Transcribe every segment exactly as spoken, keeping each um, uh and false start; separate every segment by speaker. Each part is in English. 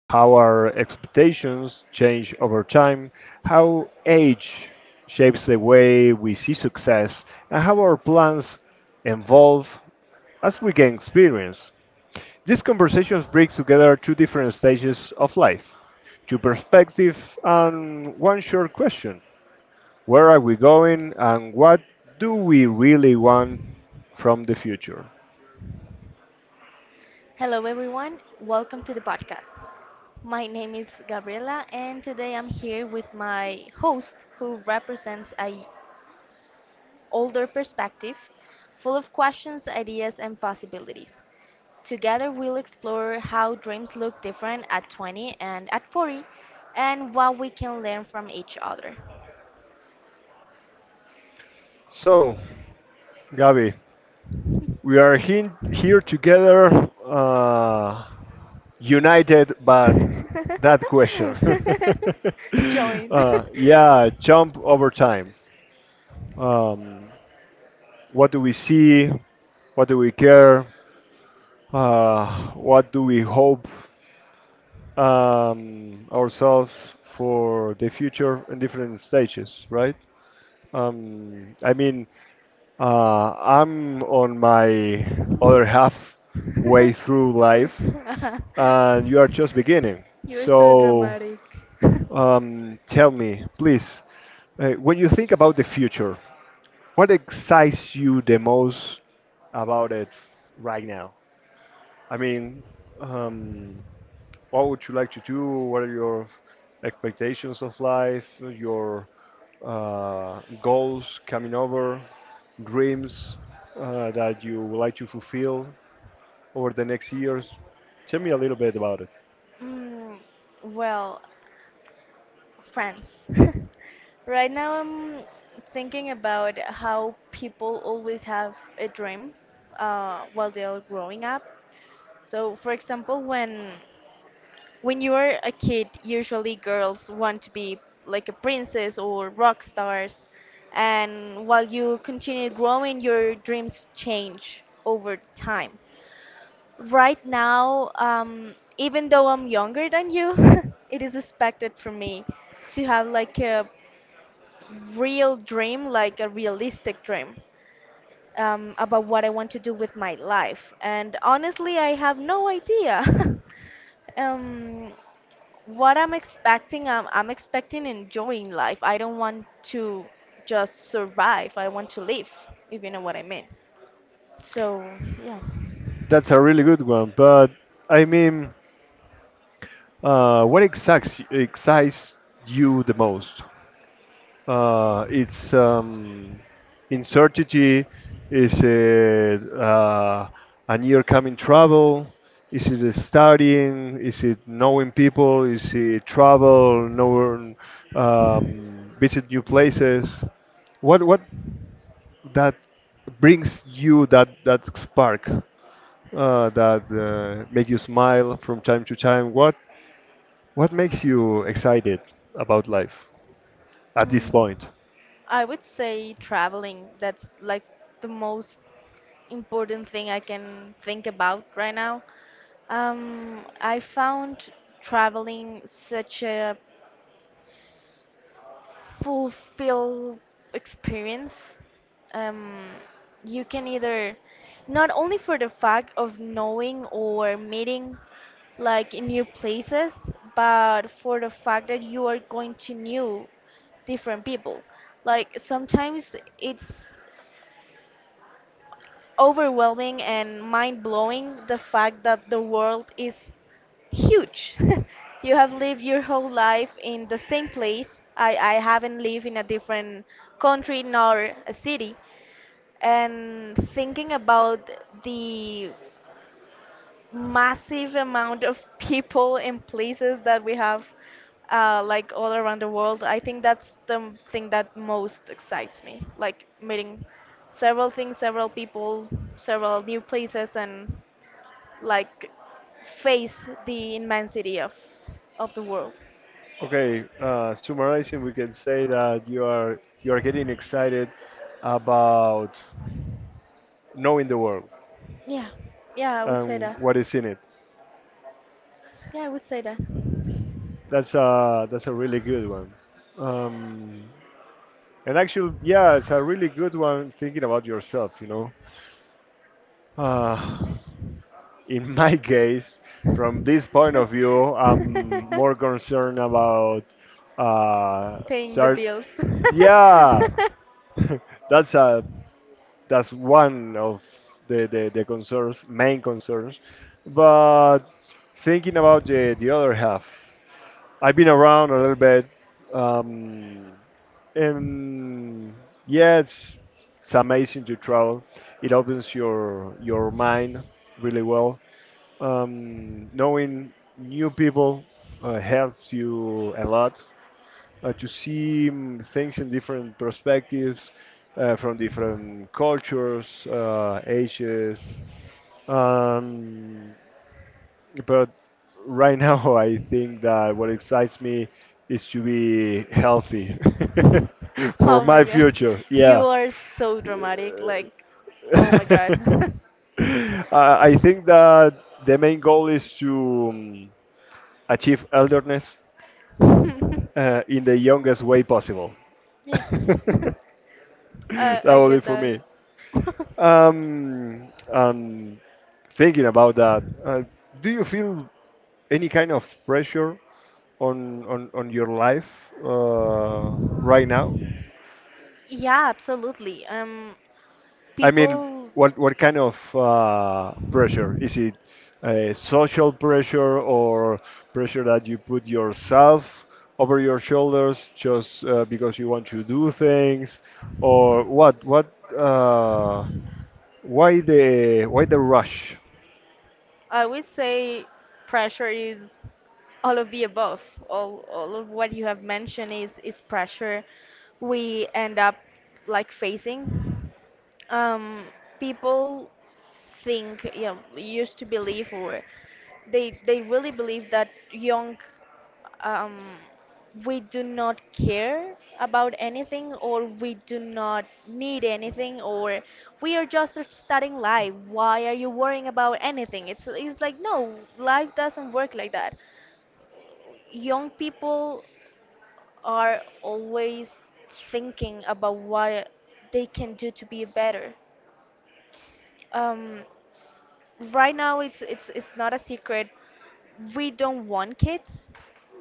Speaker 1: How our expectations change over time, how age shapes the way we see success, and how our plans evolve as we gain experience. These conversations bring together two different stages of life, two perspectives, and one short question: Where are we going, and what do we really want from the future?
Speaker 2: Hello, everyone. Welcome to the podcast. My name is Gabriela, and today I'm here with my host, who represents a older perspective, full of questions, ideas, and possibilities. Together, we'll explore how dreams look different at twenty and at forty, and what we can learn from each other.
Speaker 1: So, Gabi, we are hin- here together, uh, united, but that question.
Speaker 2: Join.
Speaker 1: Uh, yeah, jump over time. Um, what do we see? What do we care? Uh, what do we hope um, ourselves for the future in different stages, right? Um, I mean, Uh, I'm on my other half way through life, and you are just beginning.
Speaker 2: You're so
Speaker 1: So,
Speaker 2: dramatic.
Speaker 1: um, tell me, please, uh, when you think about the future, what excites you the most about it right now? I mean, um, what would you like to do? What are your expectations of life? Your uh, goals coming over, dreams uh, that you would like to fulfill over the next years? Tell me a little bit about it.
Speaker 2: Mm, well, France. Right now, I'm thinking about how people always have a dream uh, while they're growing up. So, for example, when When you are a kid, usually girls want to be like a princess or rock stars, and while you continue growing, your dreams change over time. Right now, um, even though I'm younger than you, it is expected from me to have like a real dream, like a realistic dream um, about what I want to do with my life. And honestly, I have no idea. um, what I'm expecting, I'm, I'm expecting enjoying life. I don't want to just survive. I want to live, if you know what I mean. So, yeah.
Speaker 1: That's a really good one, but I mean, uh, what excites excites you the most? Uh, it's um, uncertainty. Is it uh, a near coming travel? Is it studying? Is it knowing people? Is it travel? Know, um, visit new places? What what that brings you that that spark uh, that uh, make you smile from time to time? What what makes you excited about life at this
Speaker 2: Mm,
Speaker 1: point?
Speaker 2: I would say traveling. That's like the most important thing I can think about right now. Um, I found traveling such a fulfill experience um, you can either not only for the fact of knowing or meeting like in new places, but for the fact that you are going to new different people. Like sometimes it's overwhelming and mind-blowing, the fact that the world is huge. You have lived your whole life in the same place. I, I haven't lived in a different country nor a city. And thinking about the massive amount of people and places that we have uh, like all around the world, I think that's the m- thing that most excites me. Like meeting several things, several people, several new places, and like face the immensity of of the world.
Speaker 1: Okay, uh, summarizing, we can say that you are you are getting excited about knowing the world
Speaker 2: Yeah, yeah, I would say
Speaker 1: and
Speaker 2: that.
Speaker 1: what is in it.
Speaker 2: Yeah, I would say that.
Speaker 1: That's a that's a really good one. Um, and actually, yeah, it's a really good one thinking about yourself. You know, uh, in my case, from this point of view, I'm more concerned about uh,
Speaker 2: Paying the
Speaker 1: start.
Speaker 2: bills.
Speaker 1: Yeah, that's a that's one of the, the, the concerns, main concerns. But thinking about the, the other half, I've been around a little bit, um, and yeah, it's, it's amazing to travel. It opens your your mind really well. Um, knowing new people uh, helps you a lot uh, to see mm, things in different perspectives, uh, from different cultures, uh, ages. Um, but right now, I think that what excites me is to be healthy for
Speaker 2: Oh my
Speaker 1: my
Speaker 2: god,
Speaker 1: future.
Speaker 2: you
Speaker 1: Yeah.
Speaker 2: are so dramatic. Like, oh my god.
Speaker 1: I I think that the main goal is to um, achieve elderness uh, in the youngest way possible.
Speaker 2: Yeah.
Speaker 1: That
Speaker 2: I I
Speaker 1: will be
Speaker 2: get
Speaker 1: for
Speaker 2: that.
Speaker 1: me. Um, um, thinking about that, uh, do you feel any kind of pressure on on, on your life uh, right now?
Speaker 2: Yeah, absolutely. Um,
Speaker 1: I mean,
Speaker 2: people.
Speaker 1: what what kind of uh, pressure is it? Uh, social pressure or pressure that you put yourself over your shoulders just uh, because you want to do things, or what? What? Uh, Why the why the rush?
Speaker 2: I would say pressure is all of the above. All all of what you have mentioned is is pressure we end up like facing. Um, people think, you know, used to believe, or they they really believe that young, um, we do not care about anything, or we do not need anything, or we are just starting life. Why are you worrying about anything? It's it's like, no, life doesn't work like that. Young people are always thinking about what they can do to be better. um, right now, it's it's it's not a secret, we don't want kids,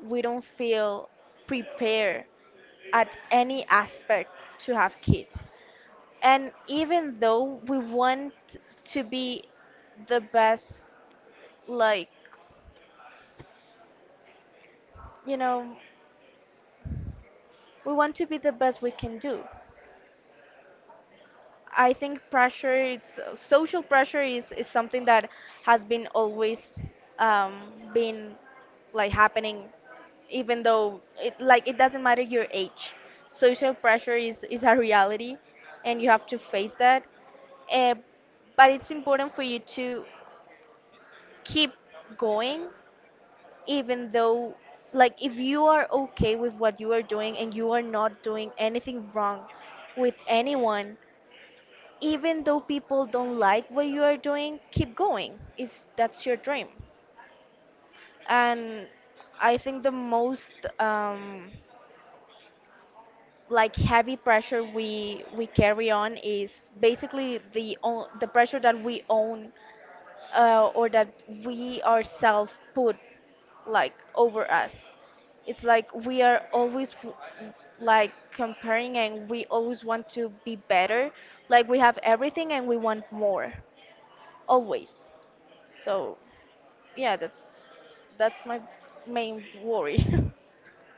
Speaker 2: we don't feel prepared at any aspect to have kids. And even though we want to be the best, like, you know, we want to be the best we can do. I think pressure, it's social pressure is, is something that has been always um, been like happening, even though it like it doesn't matter your age. Social pressure is, is a reality and you have to face that. Uh, but it's important for you to keep going, even though, like, if you are okay with what you are doing and you are not doing anything wrong with anyone, even though people don't like what you are doing, keep going if that's your dream. And I think the most um like heavy pressure we we carry on is basically the own, the pressure that we own uh, or that we ourselves put like over us. It's like we are always w- like comparing, and we always want to be better. Like we have everything and we want more always. So, yeah, that's that's my main worry.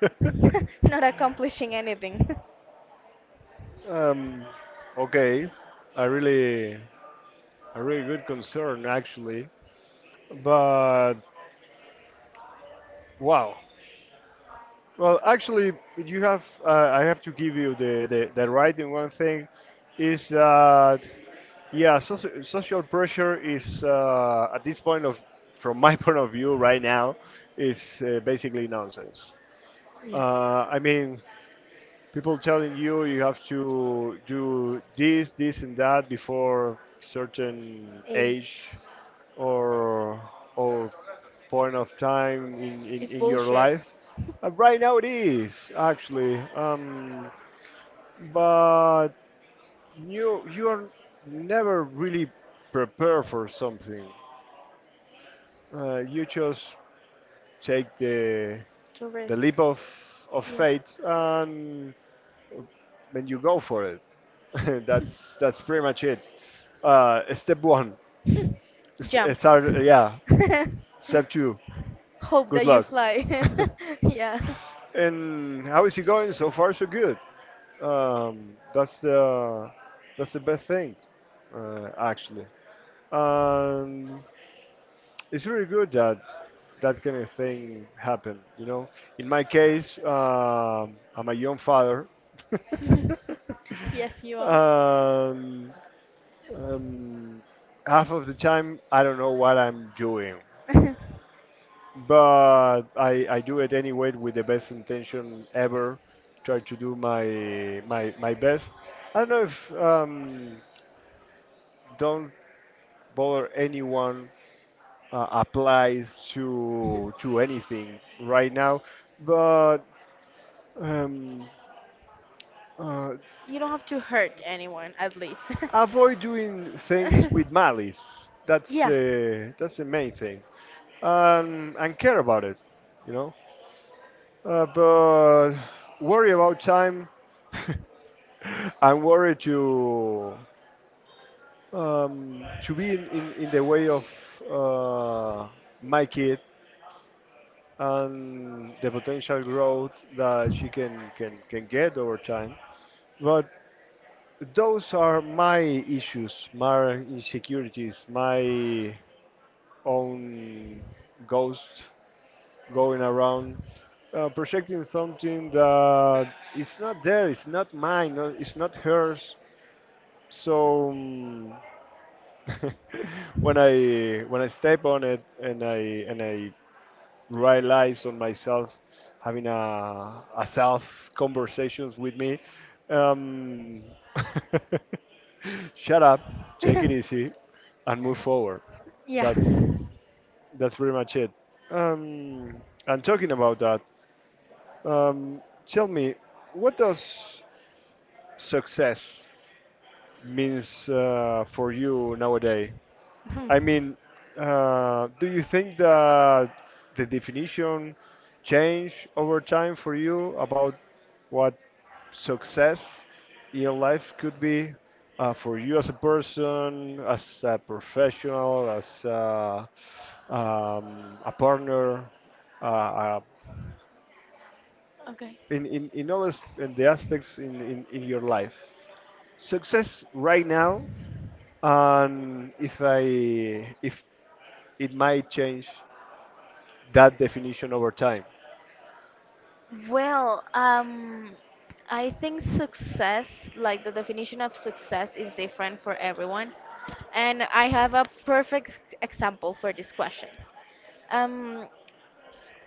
Speaker 2: Not accomplishing anything.
Speaker 1: Um, okay, a really a really good concern actually, but wow. Well, actually, you have uh, I have to give you the, the the right in one thing, is that yeah, soci social pressure is uh, at this point of from my point of view right now is uh, basically nonsense.
Speaker 2: Yeah.
Speaker 1: Uh, I mean, people telling you you have to do this, this, and that before certain age
Speaker 2: Age
Speaker 1: or or point of time in, in,
Speaker 2: is
Speaker 1: in your
Speaker 2: bullshit.
Speaker 1: life. Uh, right now it is actually, um, but you you are never really prepared for something. Uh, you just take the
Speaker 2: To
Speaker 1: the
Speaker 2: risk.
Speaker 1: leap of of faith and when you go for it. that's that's pretty much it. Uh, step one,
Speaker 2: Yeah.
Speaker 1: s- uh,
Speaker 2: Jump.
Speaker 1: start, uh, yeah. Step two,
Speaker 2: Hope
Speaker 1: good
Speaker 2: that you
Speaker 1: luck.
Speaker 2: fly. Yeah.
Speaker 1: And how is it going? So far, so good. Um, that's the that's the best thing, uh, actually. Um, it's really good that that kind of thing happened. You know, in my case, um, I'm a young father.
Speaker 2: Yes, you are.
Speaker 1: um, Um, half of the time, I don't know what I'm doing, but I, I do it anyway with the best intention ever. Try to do my my my best. I don't know if um, don't bother anyone uh, applies to to anything right now, but um, uh,
Speaker 2: You don't have to hurt anyone, at least.
Speaker 1: avoid doing things with malice. That's
Speaker 2: Yeah.
Speaker 1: uh, that's the main thing, um, and care about it, you know. Uh, but worry about time. I'm worried to um, to be in, in, in the way of uh, my kid and the potential growth that she can, can, can get over time. But those are my issues, my insecurities, my own ghost going around uh, projecting something that it's not there, it's not mine, no- it's not hers. So, um, when I when I step on it and I and I realize on myself having a, a self conversations with me, um, shut up, take it easy, and move forward.
Speaker 2: Yeah.
Speaker 1: That's that's pretty much it. Um, and talking about that, Um, tell me, what does success means uh, for you nowadays? I
Speaker 2: Hmm.
Speaker 1: mean, uh, do you think that the definition change over time for you about what success in your life could be uh, for you as a person, as a professional, as a, um, a partner, uh, a
Speaker 2: Okay.
Speaker 1: in in, in all as- in the aspects in, in in your life, success right now, and if i if it might change that definition over time.
Speaker 2: Well, um, I think success, like the definition of success, is different for everyone. And I have a perfect example for this question. Um,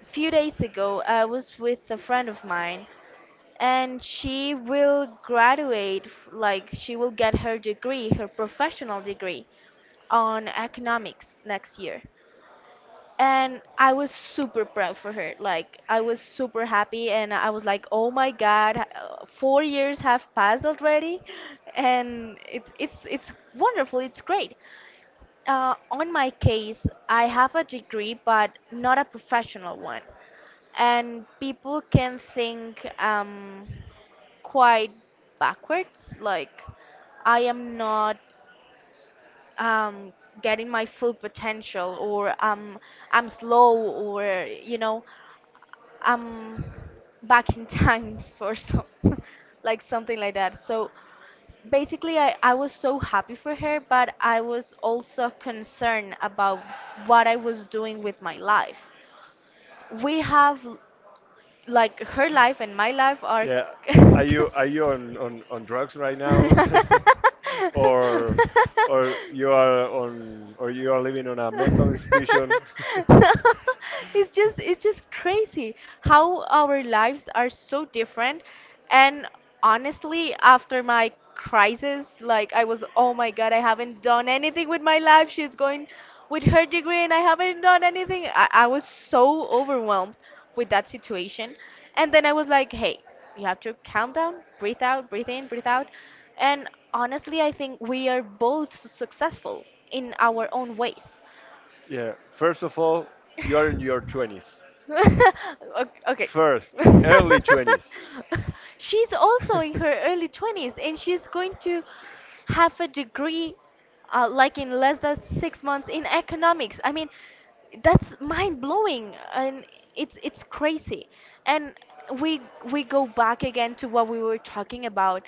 Speaker 2: few days ago, I was with a friend of mine, and she will graduate, f- like, she will get her degree, her professional degree on economics next year. And I was super proud for her. Like I was super happy, and I was like, "Oh my God, uh, four years have passed already," and it's it's it's wonderful. It's great. Uh, on my case, I have a degree, but not a professional one, and people can think um quite backwards. Like I am not um getting my full potential, or um I'm slow, or you know I'm back in time for some, like something like that. So basically, I, I was so happy for her, but I was also concerned about what I was doing with my life. We have, l- like, her life and my life are.
Speaker 1: Yeah, are you are you on on, on drugs right now, or or you are on or you are living on a mental institution?
Speaker 2: No, it's just it's just crazy how our lives are so different. And honestly, after my crisis, like I was, oh my god, I haven't done anything with my life, she's going with her degree and I haven't done anything. I, I was so overwhelmed with that situation, and then I was like, hey, you have to calm down, breathe out, breathe in, breathe out. And honestly, I think we are both successful in our own ways.
Speaker 1: Yeah, first of all, you are in your twenties.
Speaker 2: Ok- okay.
Speaker 1: First, early twenties.
Speaker 2: She's also in her early twenties and she's going to have a degree uh, like in less than six months in economics. I mean, that's mind blowing and it's it's crazy. And we we go back again to what we were talking about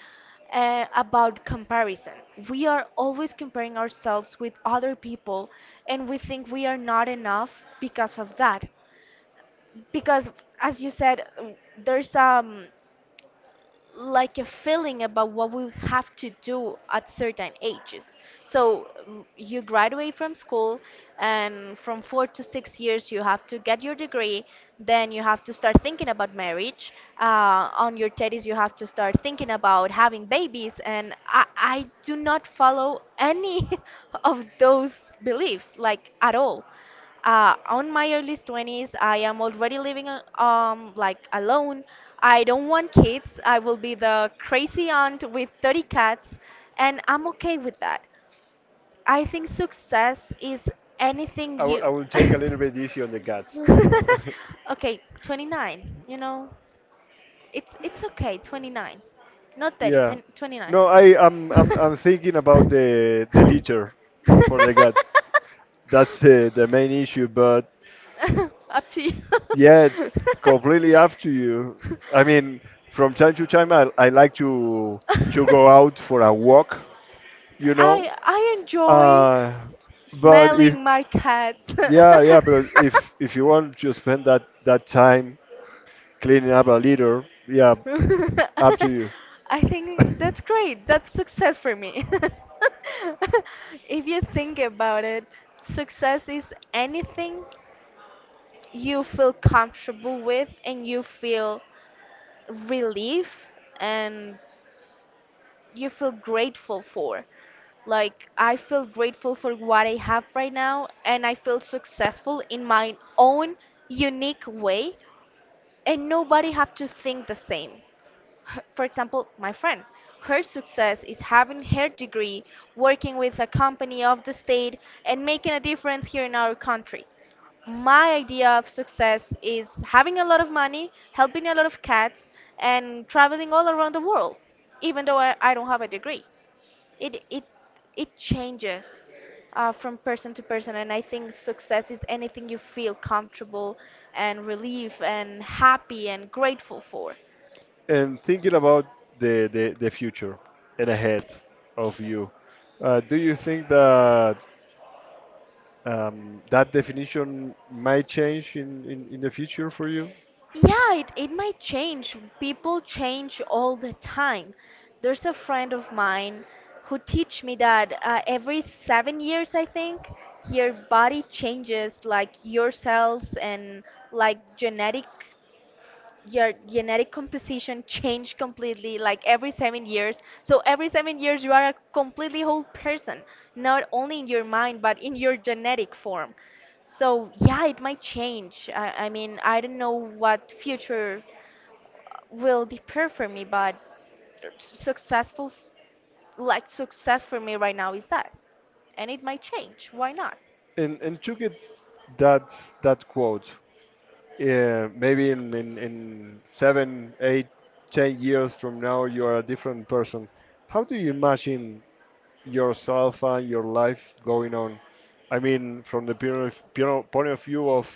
Speaker 2: uh, about comparison. We are always comparing ourselves with other people, and we think we are not enough because of that, because as you said, there's um like a feeling about what we have to do at certain ages. So l- you graduate from school and from four to six years you have to get your degree, then you have to start thinking about marriage, uh, on your thirties you have to start thinking about having babies, and i, I do not follow any of those beliefs, like at all. Uh, on my early twenties I am already living a- um, like alone, I don't want kids, I will be the crazy aunt with thirty cats and I'm okay with that. I think success is anything
Speaker 1: I w-
Speaker 2: you...
Speaker 1: I will take a little bit easy on the guts, you know.
Speaker 2: Okay, twenty-nine, you know, it's it's okay, twenty-nine, not thirty,
Speaker 1: Yeah.
Speaker 2: ten, twenty-nine.
Speaker 1: No, I I'm, I'm I'm thinking about the the litter for the guts. That's the the main issue, but
Speaker 2: Up to you.
Speaker 1: yeah, it's completely up to you. I mean, from time to time, I I like to to go out for a walk, you know.
Speaker 2: I I enjoy
Speaker 1: Uh, but if
Speaker 2: smelling my cats.
Speaker 1: Yeah, yeah, but if if you want to spend that that time cleaning up a litter, yeah, up to
Speaker 2: I think that's great. That's success for me. If you think about it, success is anything you feel comfortable with, and you feel relief, and you feel grateful for. Like, I feel grateful for what I have right now and I feel successful in my own
Speaker 1: you.
Speaker 2: unique way, and nobody have to think the same. Her- For example, my friend, her success is having her degree, working with a company of the state, and making a difference here in our country. My idea of success is having a lot of money, helping a lot of cats, and traveling all around the world, even though I, I don't have a degree. It, it, it changes uh, from person to person, and I think success is anything you feel comfortable and relief and happy and grateful for.
Speaker 1: And thinking about the, the, the future and ahead of you, uh, do you think that um, that definition might change in, in, in the future for you?
Speaker 2: Yeah, it, it might change. People change all the time. There's a friend of mine who teach me that uh, every seven years, I think, your body changes, like your cells and like genetic your genetic composition change completely like every seven years. So every seven years you are a completely whole person, not only in your mind but in your genetic form. So yeah, it might change. I, I mean, I don't know what future will depend for me, but s- successful, like success for me right now is that, and it might change, why not?
Speaker 1: And, and to get that, that, quote, yeah, maybe in, in, in seven, eight, ten years from now, you are a different person. How do you imagine yourself and your life going on? I mean, from the point of, pure- point of view of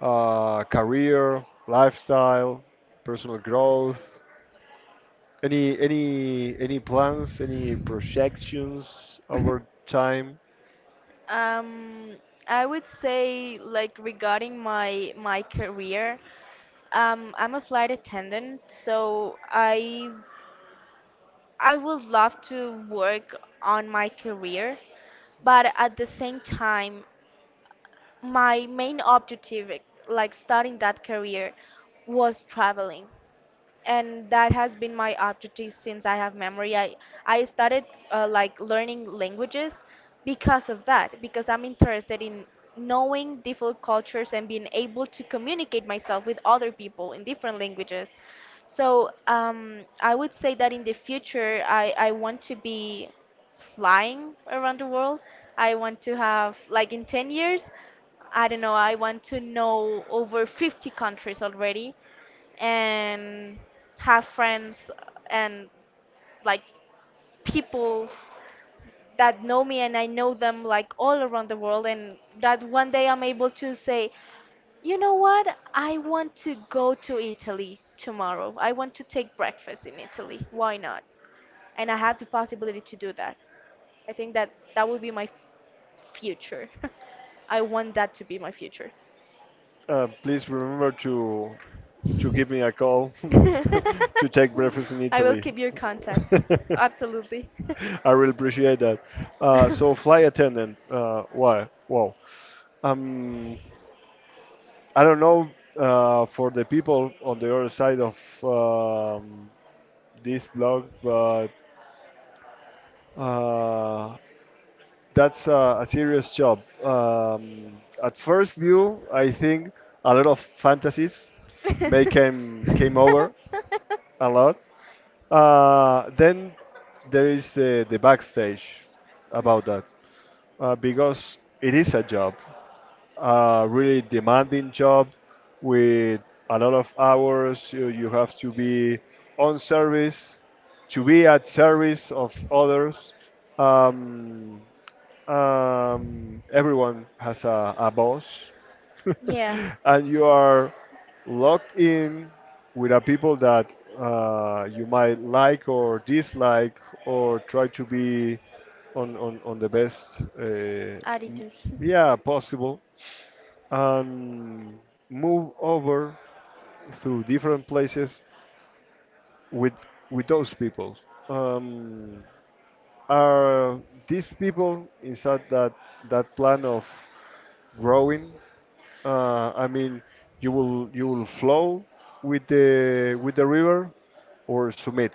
Speaker 1: uh, career, lifestyle, personal growth. Any any any plans? Any projections over time?
Speaker 2: Um, I would say like regarding my my career, um, I'm a flight attendant, so I I would love to work on my career, but at the same time, my main objective, like starting that career, was traveling, and that has been my objective since I have memory. I I started uh, like learning languages because of that, because I'm interested in knowing different cultures and being able to communicate myself with other people in different languages. So um, I would say that in the future, I, I want to be flying around the world. I want to have, like in ten years, I don't know, I want to know over fifty countries already, and have friends and like people that know me and I know them like all around the world, and that one day I'm able to say, you know what? I want to go to Italy tomorrow. I want to take breakfast in Italy. Why not? And I have the possibility to do that. I think that that would be my f- future. I want that to be my future.
Speaker 1: Uh, please remember to to give me a call to
Speaker 2: I
Speaker 1: take breakfast in
Speaker 2: will
Speaker 1: Italy.
Speaker 2: keep your contact. Absolutely.
Speaker 1: I really appreciate that. Uh, so, flight attendant. Uh, why? Wow. Um, I don't know uh, for the people on the other side of um, this blog, but uh, that's a, a serious job. Um, at first view, I think a lot of fantasies may came came over a lot. Uh, then there is uh, the backstage about that uh, because it is a job. A really demanding job with a lot of hours. You, you have to be on service, to be at service of others. Um, um, everyone has a, a boss,
Speaker 2: Yeah,
Speaker 1: and you are locked in with a people that uh, you might like or dislike or try to be on on, on the best, uh, m-
Speaker 2: attitude.
Speaker 1: yeah, possible, and move over through different places with with those people. Um, are these people inside that that plan of growing? Uh, I mean, you will you will flow with the with the river or submit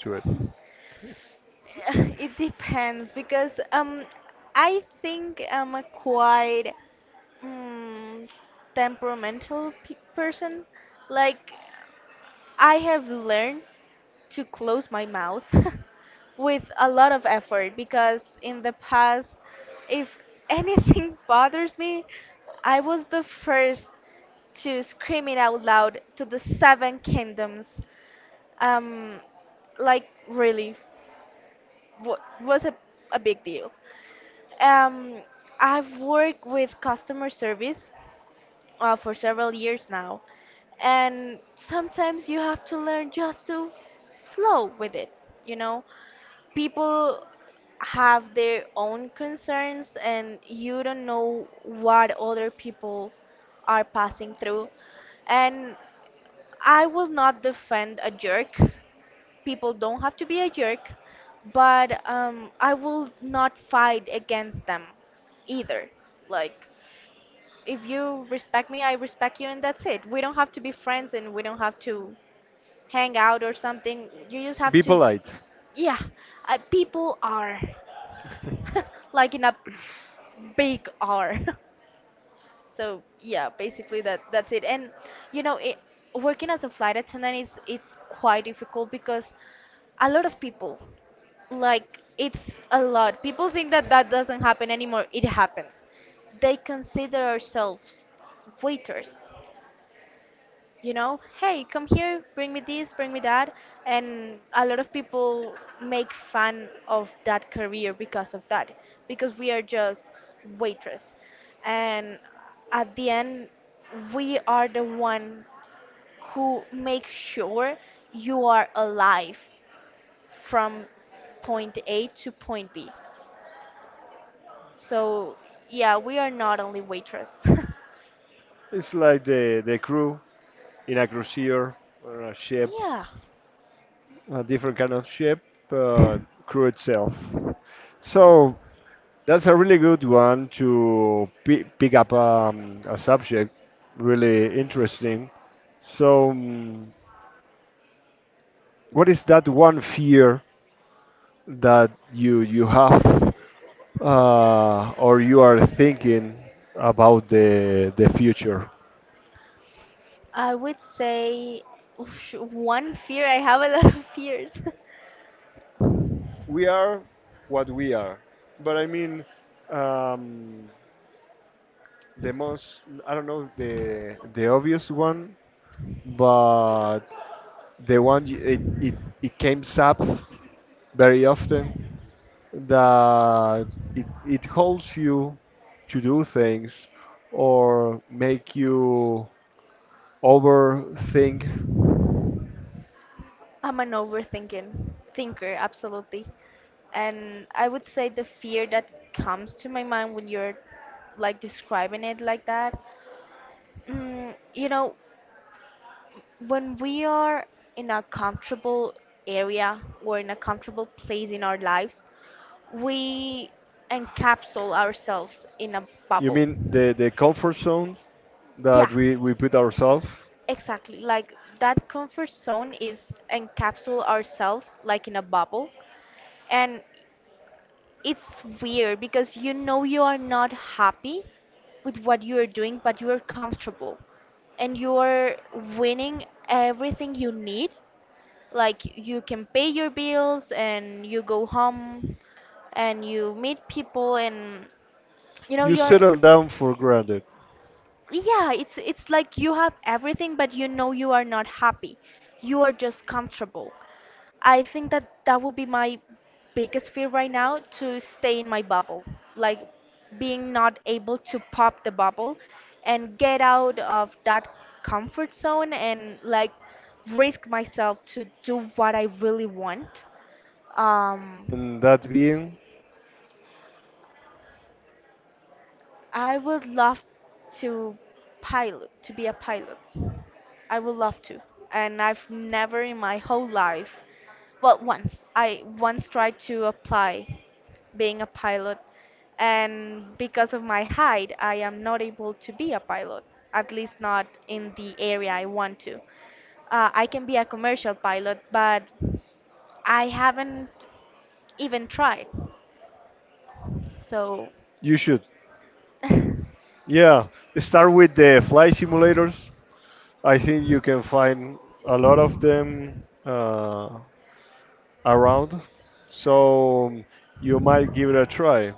Speaker 1: to it.
Speaker 2: Uh, It depends because um, I think I'm a quite mm, temperamental pe person. Like I have learned to close my mouth with a lot of effort because in the past, if anything bothers me, I was the first to scream it out loud to the seven kingdoms. Um, like really wa- was a, a big deal. Um, I've worked with customer service uh, for several years now, and sometimes you have to learn just to flow with it. You know, people have their own concerns, and you don't know what other people are passing through. And I will not defend a jerk, people don't have to be a jerk, but um, I will not fight against them either. Like, if you respect me, I respect you, and that's it. We don't have to be friends and we don't have to hang out or something. You just have
Speaker 1: Be
Speaker 2: to,
Speaker 1: polite.
Speaker 2: yeah, uh, people are like in a big R. So yeah, basically that that's it. And you know, it, working as a flight attendant is it's quite difficult because a lot of people, like, it's a lot people think that that doesn't happen anymore, it happens. They consider ourselves waiters, you know, hey, come here, bring me this, bring me that. And a lot of people make fun of that career because of that, because we are just waitress, and at the end, we are the ones who make sure you are alive from point A to point B. So, yeah, we are not only waitress.
Speaker 1: It's like the the crew in a cruiser or a ship,
Speaker 2: Yeah.
Speaker 1: a different kind of ship, but crew itself. So that's a really good one to pi pick up um, a subject, really interesting. So, um, what is that one fear that you you have, uh, or you are thinking about the the future?
Speaker 2: I would say oosh, one fear. I have a lot of fears.
Speaker 1: We are what we are. But I mean, um, the most I don't know the the obvious one, but the one you, it it it comes up very often that it it holds you to do things or make you overthink.
Speaker 2: I'm an overthinking thinker, absolutely. And I would say the fear that comes to my mind when you're like describing it like that. Mm, you know, when we are in a comfortable area or in a comfortable place in our lives, we encapsule ourselves in a
Speaker 1: You
Speaker 2: bubble.
Speaker 1: mean the the comfort zone
Speaker 2: Yeah,
Speaker 1: that we we put ourselves?
Speaker 2: exactly. Like that comfort zone is encapsule ourselves like in a bubble. And it's weird because you know you are not happy with what you are doing, but you are comfortable and you are winning everything you need. Like you can pay your bills and you go home and you meet people and you know
Speaker 1: You
Speaker 2: you're
Speaker 1: settle down for granted.
Speaker 2: Yeah, it's it's like you have everything, but you know you are not happy. You are just comfortable. I think that that would be my biggest fear right now, to stay in my bubble, like being not able to pop the bubble and get out of that comfort zone and like risk myself to do what I really want. Um,
Speaker 1: And that being,
Speaker 2: I would love to pilot, to be a pilot. I would love to. And I've never in my whole life, well, once, I once tried to apply being a pilot, and because of my height, I am not able to be a pilot, at least not in the area I want to. Uh, I can be a commercial pilot, but I haven't even tried. So,
Speaker 1: you should, yeah, start with the flight simulators. I think you can find a lot of them uh, around, so you might give it a try.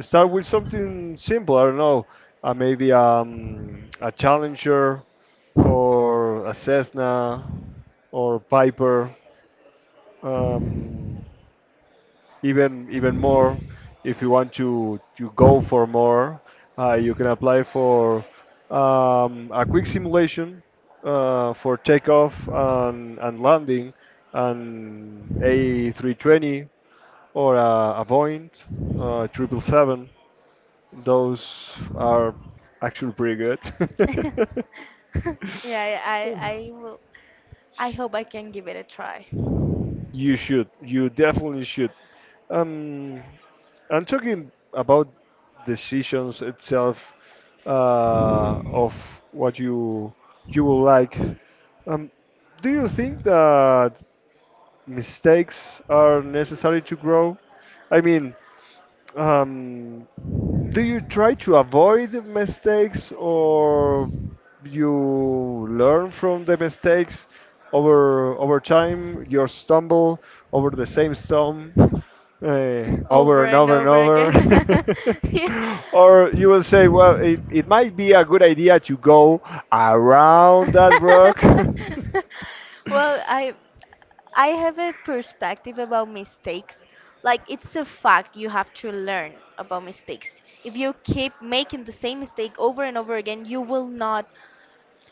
Speaker 1: Start with something simple, I don't know, uh, maybe um, a Challenger or a Cessna or Piper. Um, even even more, if you want to to go for more, uh, you can apply for um, a quick simulation uh, for takeoff and, and landing an A three twenty or a, a Boeing uh, triple seven. Those are actually pretty good.
Speaker 2: yeah, yeah, I, I will. I hope I can give it a try
Speaker 1: You should. You definitely should. Um, I'm talking about decisions itself uh, of what you you will like. Um, do you think that? Mistakes are necessary to grow? I mean, um, do you try to avoid mistakes, or you learn from the mistakes over over time? You stumble over the same stone, uh, over
Speaker 2: over
Speaker 1: and
Speaker 2: and
Speaker 1: over and
Speaker 2: over again.
Speaker 1: over.
Speaker 2: Yeah.
Speaker 1: Or you will say, well, it, it might be a good idea to go around that rock.
Speaker 2: Well, I I have a perspective about mistakes. Like it's a fact you have to learn about mistakes. If you keep making the same mistake over and over again, you will not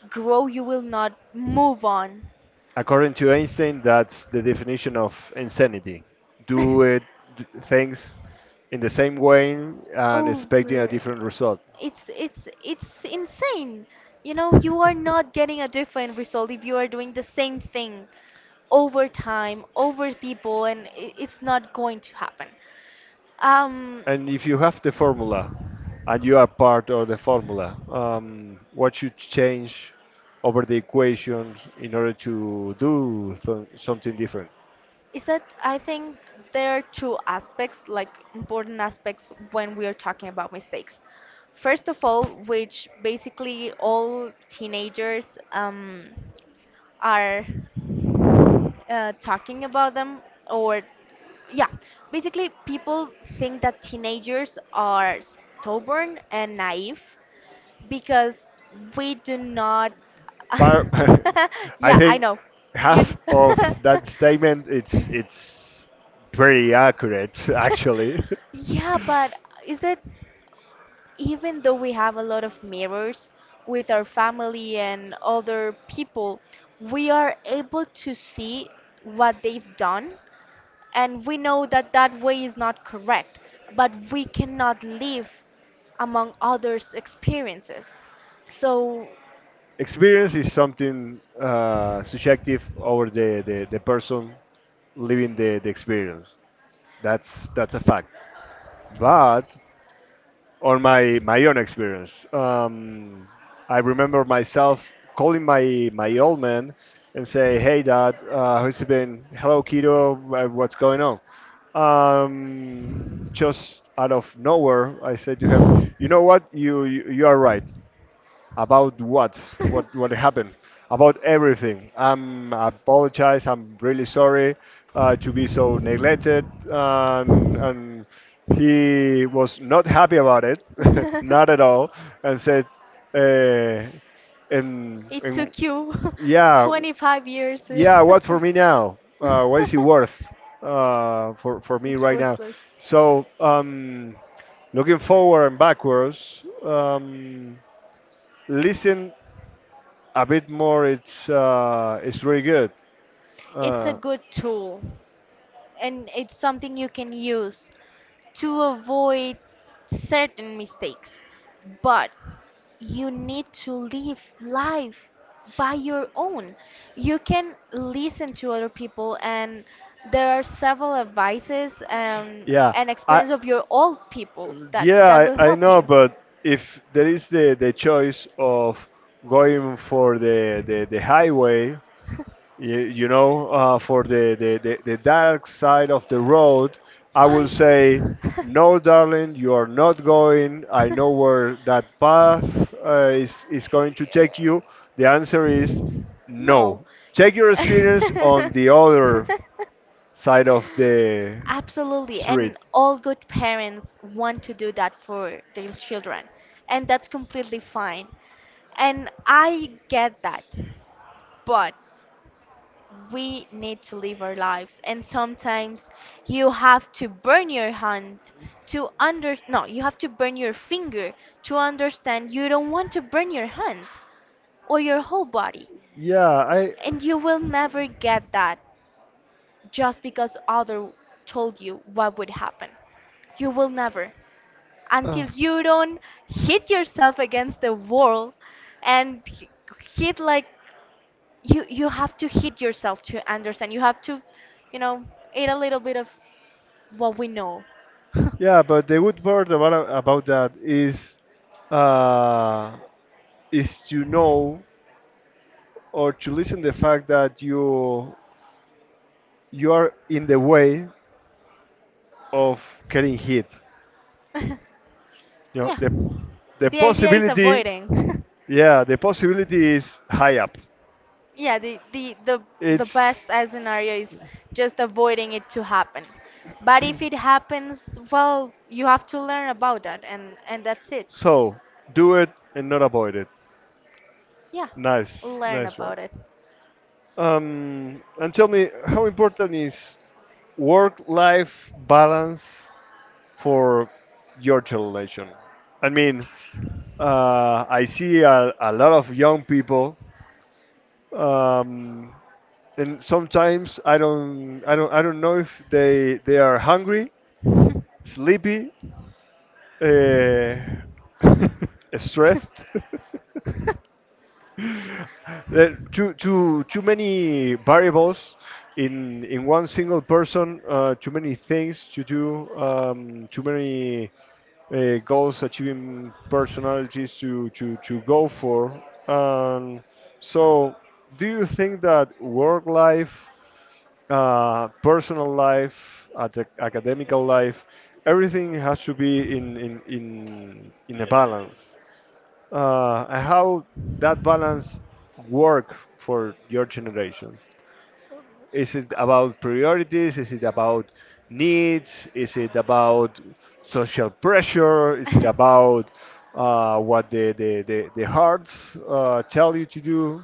Speaker 2: grow, you will not move on.
Speaker 1: According to Einstein, that's the definition of insanity. Do it d- things in the same way and expecting a
Speaker 2: Over
Speaker 1: different result.
Speaker 2: it's it's it's insane. You know, you are not getting a different result if you are doing the same thing over time, over people, and i- it's not going to happen. Um
Speaker 1: And if you have the formula and you are part of the formula, um, what should change over the equations in order to do th- something different?
Speaker 2: is that I think there are two aspects, like important aspects when we are talking about mistakes. First of all, which basically all teenagers um, are uh, talking about them, or yeah, basically people think that teenagers are stubborn and naive because we do not
Speaker 1: Par- I
Speaker 2: yeah I
Speaker 1: think
Speaker 2: know you
Speaker 1: half of
Speaker 2: kn-
Speaker 1: that statement it's it's pretty accurate actually.
Speaker 2: yeah but is that even though we have a lot of mirrors with our family and other people, we are able to see what they've done and we know that that way is not correct, but we cannot live among others experiences, so
Speaker 1: Experience is something uh, subjective over the, the, the person living the, the experience. That's that's a fact. But on my my own experience, um, I remember myself calling my my old man and say, "Hey, Dad, uh, how's it been? Hello, kiddo. wha- What's going on?" Um, just out of nowhere, I said to him, "You know what? You you, you are right. About what? What what happened? About everything. I'm I apologize. I'm really sorry uh, to be so neglected, and and he was not happy about it, not at
Speaker 2: Mhm.
Speaker 1: all, and said, uh, and,
Speaker 2: It
Speaker 1: and
Speaker 2: took you
Speaker 1: yeah,
Speaker 2: twenty-five years.
Speaker 1: yeah. What for me now? Uh, what is it worth uh, for for me
Speaker 2: It's
Speaker 1: right now?
Speaker 2: worthless.
Speaker 1: So um, looking forward and backwards. Um, listen a bit more, it's uh it's really good,
Speaker 2: It's a
Speaker 1: uh
Speaker 2: good tool and it's something you can use to avoid certain mistakes, but you need to live life by your own. You can listen to other people, and there are several advices um,
Speaker 1: yeah.
Speaker 2: and
Speaker 1: i
Speaker 2: experience of your old people that
Speaker 1: yeah
Speaker 2: that will
Speaker 1: i, I
Speaker 2: help
Speaker 1: know,
Speaker 2: you.
Speaker 1: but if there is the the choice of going for the the, the highway, you, you know uh for the, the the the dark side of the road, I
Speaker 2: Why?
Speaker 1: will say, no darling, you are not going. I know where that path uh, is is going to take you. The
Speaker 2: I-
Speaker 1: answer is
Speaker 2: No.
Speaker 1: no. Take your experience on the other side of the
Speaker 2: Absolutely.
Speaker 1: street.
Speaker 2: And all good parents want to do that for their children. And that's completely fine. And I get that. But we need to live our lives. And sometimes you have to burn your hand to under no, you have to burn your finger to understand you don't want to burn your hand or your whole body.
Speaker 1: Yeah, I.
Speaker 2: And you will never get that just because other told you what would happen. You will never.
Speaker 1: Uh,
Speaker 2: Until you don't hit yourself against the wall and h- hit, like, you you have to hit yourself to understand. You have to, you know, eat a little bit of what we know.
Speaker 1: yeah, but the good part about about that is, uh, is to know or to listen the fact that you you are in the way of getting hit. You know,
Speaker 2: Yeah.
Speaker 1: the the
Speaker 2: The idea is
Speaker 1: possibility,
Speaker 2: avoiding.
Speaker 1: yeah, the possibility is high up.
Speaker 2: Yeah, the, the, the, the
Speaker 1: It's
Speaker 2: best uh, scenario is just avoiding it to happen. But if it happens, well, you have to learn about that, and, and that's it.
Speaker 1: so do it and not avoid it.
Speaker 2: Yeah,
Speaker 1: Nice,
Speaker 2: learn
Speaker 1: nice one.
Speaker 2: about it.
Speaker 1: Um, and tell me, how important is work-life balance for your generation? I mean, uh, I see a, a lot of young people, um, and sometimes I don't, I don't, I don't know if they they are hungry, sleepy, uh, stressed. There- too, too, too many variables in in one single person. Uh, too many things to do. Um, too many uh, goals, achieving personalities to to to go for. Um, so, do you think that work life, uh, personal life, at the academical life, everything has to be in in in, in a balance. Uh, and how that balance work for your generation? Is it about priorities? Is it about needs? Is it about social pressure? Is it about uh, what the the, the, the hearts uh, tell you to do?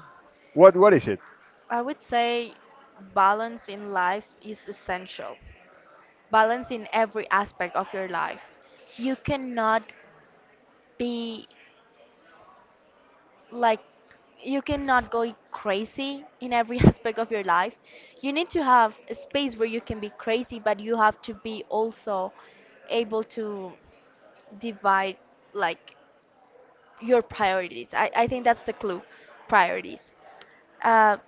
Speaker 1: What what is it?
Speaker 2: I would say balance in life is essential. Balance in every aspect of your life. You cannot be like you cannot go crazy in every aspect of your life. You need to have a space where you can be crazy, but you have to be also able to divide like your priorities. I, I think that's the clue, priorities. Uh,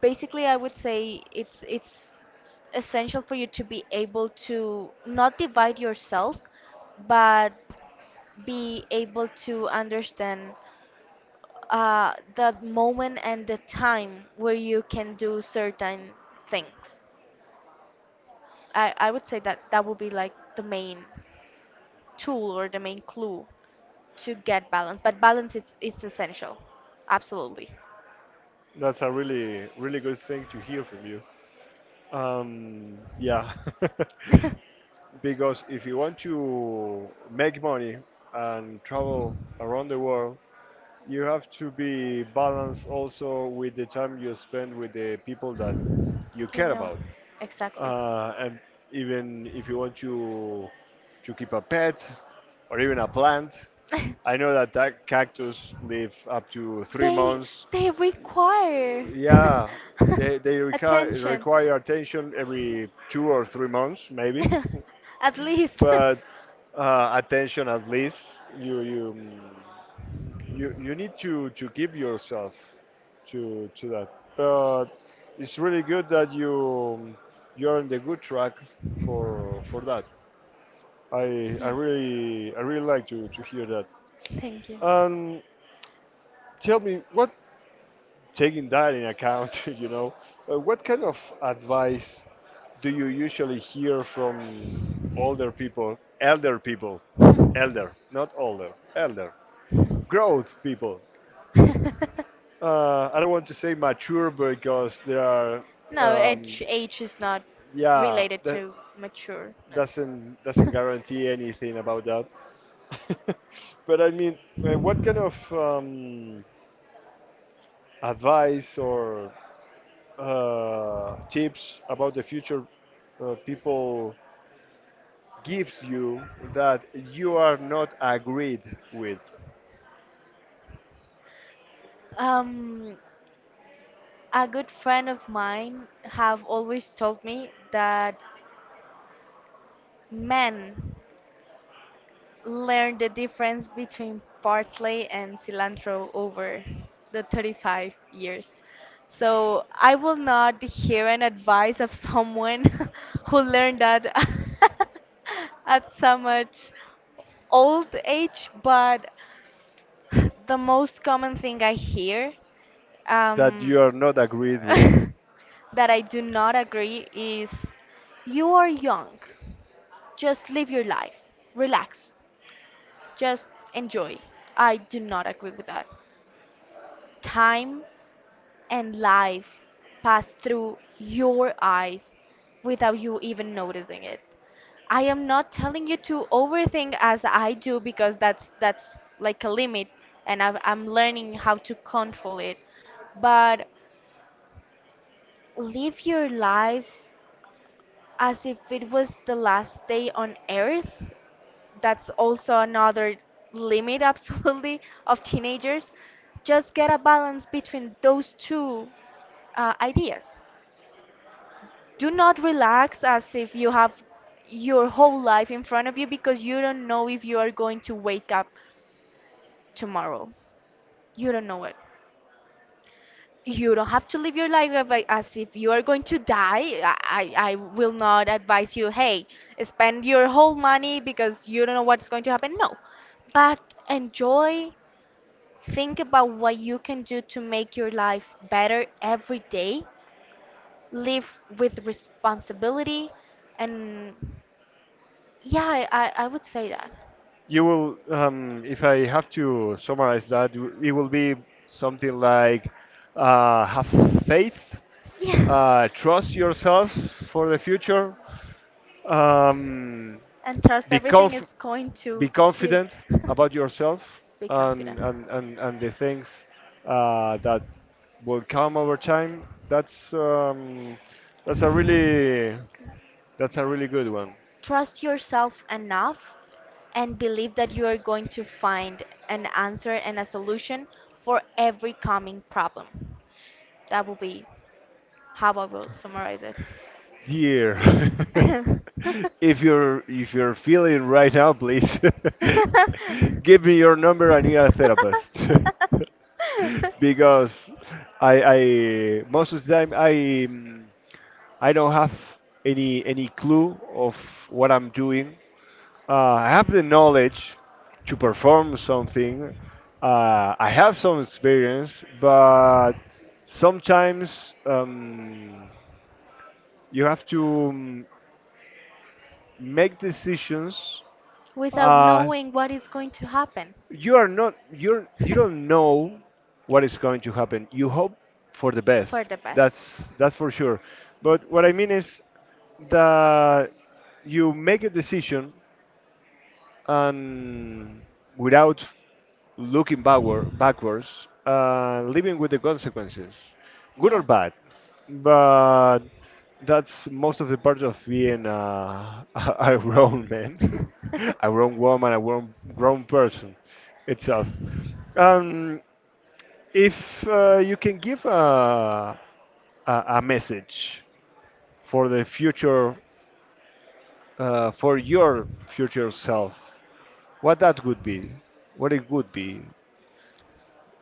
Speaker 2: basically, I would say it's it's essential for you to be able to not divide yourself, but be able to understand uh, that moment and the time where you can do certain things. I, I would say that that would be like the main tool or the main clue to get balance. But balance it's it's essential, absolutely.
Speaker 1: That's a really really good thing to hear from you. Um, yeah, because if you want to make money and travel around the world, you have to be balanced also with the time you spend with the people that you
Speaker 2: You
Speaker 1: care
Speaker 2: know,
Speaker 1: about.
Speaker 2: exactly.
Speaker 1: Uh, and even if you want to to keep a pet or even a plant, I know that that cactus live up to three
Speaker 2: They
Speaker 1: months
Speaker 2: they require
Speaker 1: Yeah, they they require
Speaker 2: attention.
Speaker 1: require attention every two or three months maybe,
Speaker 2: At least.
Speaker 1: but uh, attention at least. You you mm, you you need to to give yourself to to that. But it's really good that you you're on the good track for for that. I I
Speaker 2: Yeah.
Speaker 1: really I really like to to hear that.
Speaker 2: Thank you.
Speaker 1: Um, tell me what, taking that in account, you know, uh, what kind of advice do you usually hear from older people, elder people? Elder, not older, elder, growth people? Uh, I don't want to say mature because there are,
Speaker 2: No,
Speaker 1: um,
Speaker 2: age age is not
Speaker 1: yeah,
Speaker 2: related
Speaker 1: that
Speaker 2: to matureness.
Speaker 1: doesn't doesn't guarantee anything about that. But I mean, uh, what kind of, um, advice or, uh, tips about the future, uh, people gives you that you are not agreed with,
Speaker 2: Um, a good friend of mine have always told me that men learn the difference between parsley and cilantro over the thirty-five years. So I will not hear an advice of someone who learned that at so much old age, but the most common thing I hear
Speaker 1: that
Speaker 2: um,
Speaker 1: you are not agreed with,
Speaker 2: that I do not agree is you are young. Just live your life. Relax. Just enjoy. I do not agree with that. Time and life pass through your eyes without you even noticing it. I am not telling you to overthink as I do because that's that's like a limit and I've, I'm learning how to control it. But live your life as if it was the last day on earth, that's also another limit absolutely of teenagers, just get a balance between those two uh, ideas. Do not relax as if you have your whole life in front of you because you don't know if you are going to wake up tomorrow, you don't know it. You don't have to live your life of, like, as if you are going to die. I, I I will not advise you, hey, spend your whole money because you don't know what's going to happen. No, but enjoy. Think about what you can do to make your life better every day. Live with responsibility. And yeah, I, I I would say that.
Speaker 1: you will, um, if I have to summarize that, it will be something like, uh, have faith,
Speaker 2: Yeah.
Speaker 1: uh, trust yourself for the future, um,
Speaker 2: And trust
Speaker 1: be
Speaker 2: everything
Speaker 1: conf-
Speaker 2: is going to
Speaker 1: be
Speaker 2: be.
Speaker 1: confident about yourself
Speaker 2: Be
Speaker 1: and
Speaker 2: confident.
Speaker 1: and, and, and the things uh, that will come over time. That's, um, that's a really that's a really good one.
Speaker 2: Trust yourself enough and believe that you are going to find an answer and a solution for every coming problem. That will be how I will summarize it.
Speaker 1: Dear, if you're if you're feeling right now, please give me your number, and you're a therapist. Because I, I most of the time, I. mm, I don't have any any clue of what I'm doing. Uh, I have the knowledge to perform something. Uh, I have some experience, but sometimes, um, you have to, um, make decisions.
Speaker 2: Without
Speaker 1: Uh,
Speaker 2: knowing what is going to happen
Speaker 1: you are not you're you don't know what is
Speaker 2: for
Speaker 1: going to happen. You hope for the best.
Speaker 2: the best.
Speaker 1: That's that's for sure. But what I mean is that you make a decision, and without looking backward, backwards, uh, living with the consequences, good or
Speaker 2: Yeah.
Speaker 1: bad. But that's most of the part of being, uh, a grown man, a grown woman, a grown, grown person itself. Um, if, uh, you can give a, a, a message for the future, uh, for your future self, what that would be? What it would be?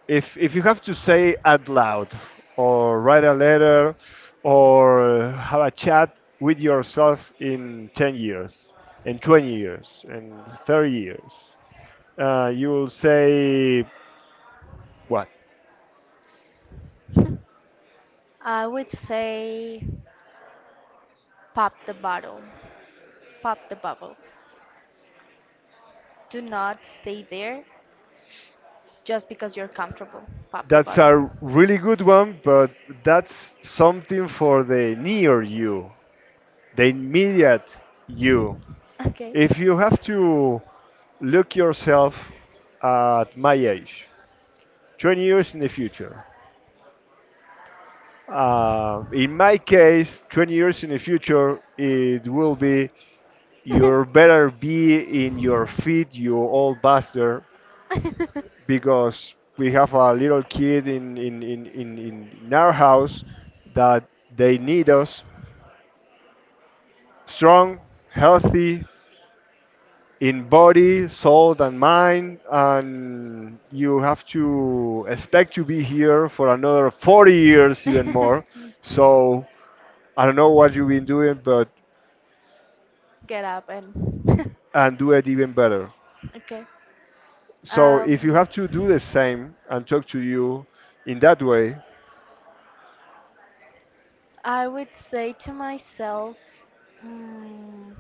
Speaker 1: If if you have to say out loud, or write a letter, or have a chat with yourself in ten years, in twenty years, in thirty years, uh, you will say what?
Speaker 2: I would say pop the bottle, pop the bubble. Do not stay there just because you're comfortable. Pop the
Speaker 1: That's
Speaker 2: bottle.
Speaker 1: a really good one, but that's something for the near you, the immediate you.
Speaker 2: Okay.
Speaker 1: If you have to look yourself at my age, twenty years in the future. Uh, in my case, twenty years in the future, it will be, you better be in your feet, you old bastard, because we have a little kid in, in, in, in, in in our house that they need us strong, healthy in body, soul, and mind, and you have to expect to be here for another forty years, even more. So I don't know what you've been doing, but,
Speaker 2: Get up and
Speaker 1: and do it even better.
Speaker 2: okay.
Speaker 1: So if you
Speaker 2: Um,
Speaker 1: have to do the same and talk to you in that way,
Speaker 2: I would say to myself, mm,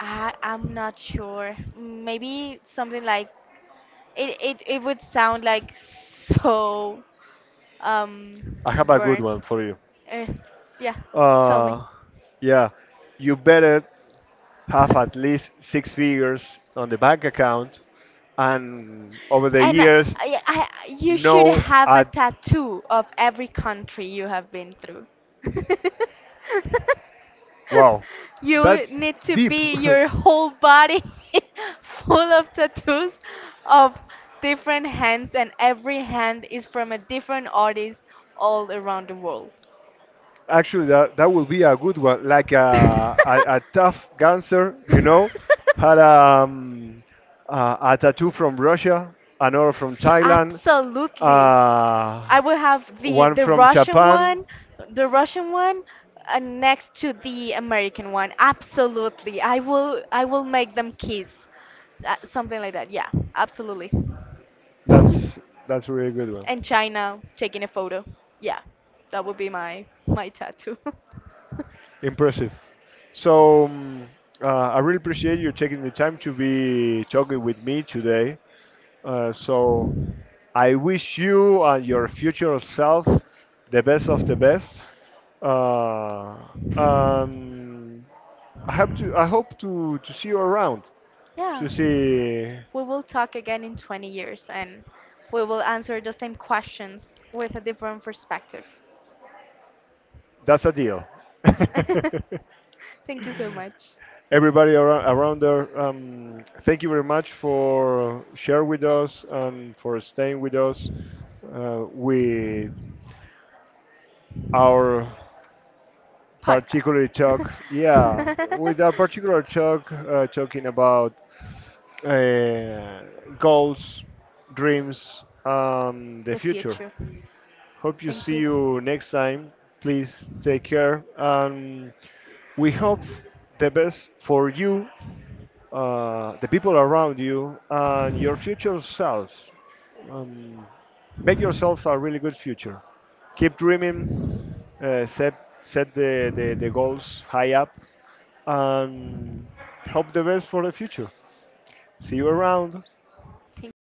Speaker 2: I I'm not sure. Maybe something like It it it would sound like so um
Speaker 1: I have a good
Speaker 2: burnt.
Speaker 1: one for you.
Speaker 2: Eh, yeah, tell me.
Speaker 1: Uh, yeah, you better have at least six figures on the bank account, and over the
Speaker 2: And I,
Speaker 1: years,
Speaker 2: I, I- you should
Speaker 1: know
Speaker 2: have a
Speaker 1: at,
Speaker 2: tattoo of every country you have been through.
Speaker 1: wow,
Speaker 2: You
Speaker 1: that's
Speaker 2: need to
Speaker 1: deep.
Speaker 2: be your whole body full of tattoos of different hands, and every hand is from a different artist all around the world.
Speaker 1: Actually, that that would be a good one, like a a, a tough gangster, you know, had, um, uh, a tattoo from Russia, another from Thailand,
Speaker 2: Absolutely.
Speaker 1: uh,
Speaker 2: I will have the
Speaker 1: one
Speaker 2: the
Speaker 1: from
Speaker 2: Russian
Speaker 1: Japan.
Speaker 2: one, the Russian one uh, next to the American one. Absolutely. I will I will make them kiss. Uh, something like that. Yeah, absolutely. And
Speaker 1: That's that's a really good one.
Speaker 2: China taking a photo. Yeah. That would be my my tattoo.
Speaker 1: Impressive. So, um, uh, I really appreciate you taking the time to be talking with me today. Uh, so I wish you and your future self the best of the best. Uh, um, I hope to I hope to, to see you around. To
Speaker 2: Yeah.
Speaker 1: see,
Speaker 2: We will talk again in twenty years and we will answer the same questions with a different perspective.
Speaker 1: that's a deal.
Speaker 2: Thank you so much.
Speaker 1: Everybody around, around there, um, thank you very much for share with us and for staying with us, uh, with our
Speaker 2: Podcast.
Speaker 1: particular talk. Yeah, with our particular talk, uh, talking about, uh, goals, dreams, and the
Speaker 2: The
Speaker 1: future.
Speaker 2: future.
Speaker 1: Hope you
Speaker 2: Thank
Speaker 1: see
Speaker 2: you.
Speaker 1: you next time. Please take care, and we hope the best for you, uh, the people around you, and your future selves. Um, make yourself a really good future. Keep dreaming. Uh, set set the, the, the goals high up and hope the best for the future. See you around.
Speaker 2: Thank you.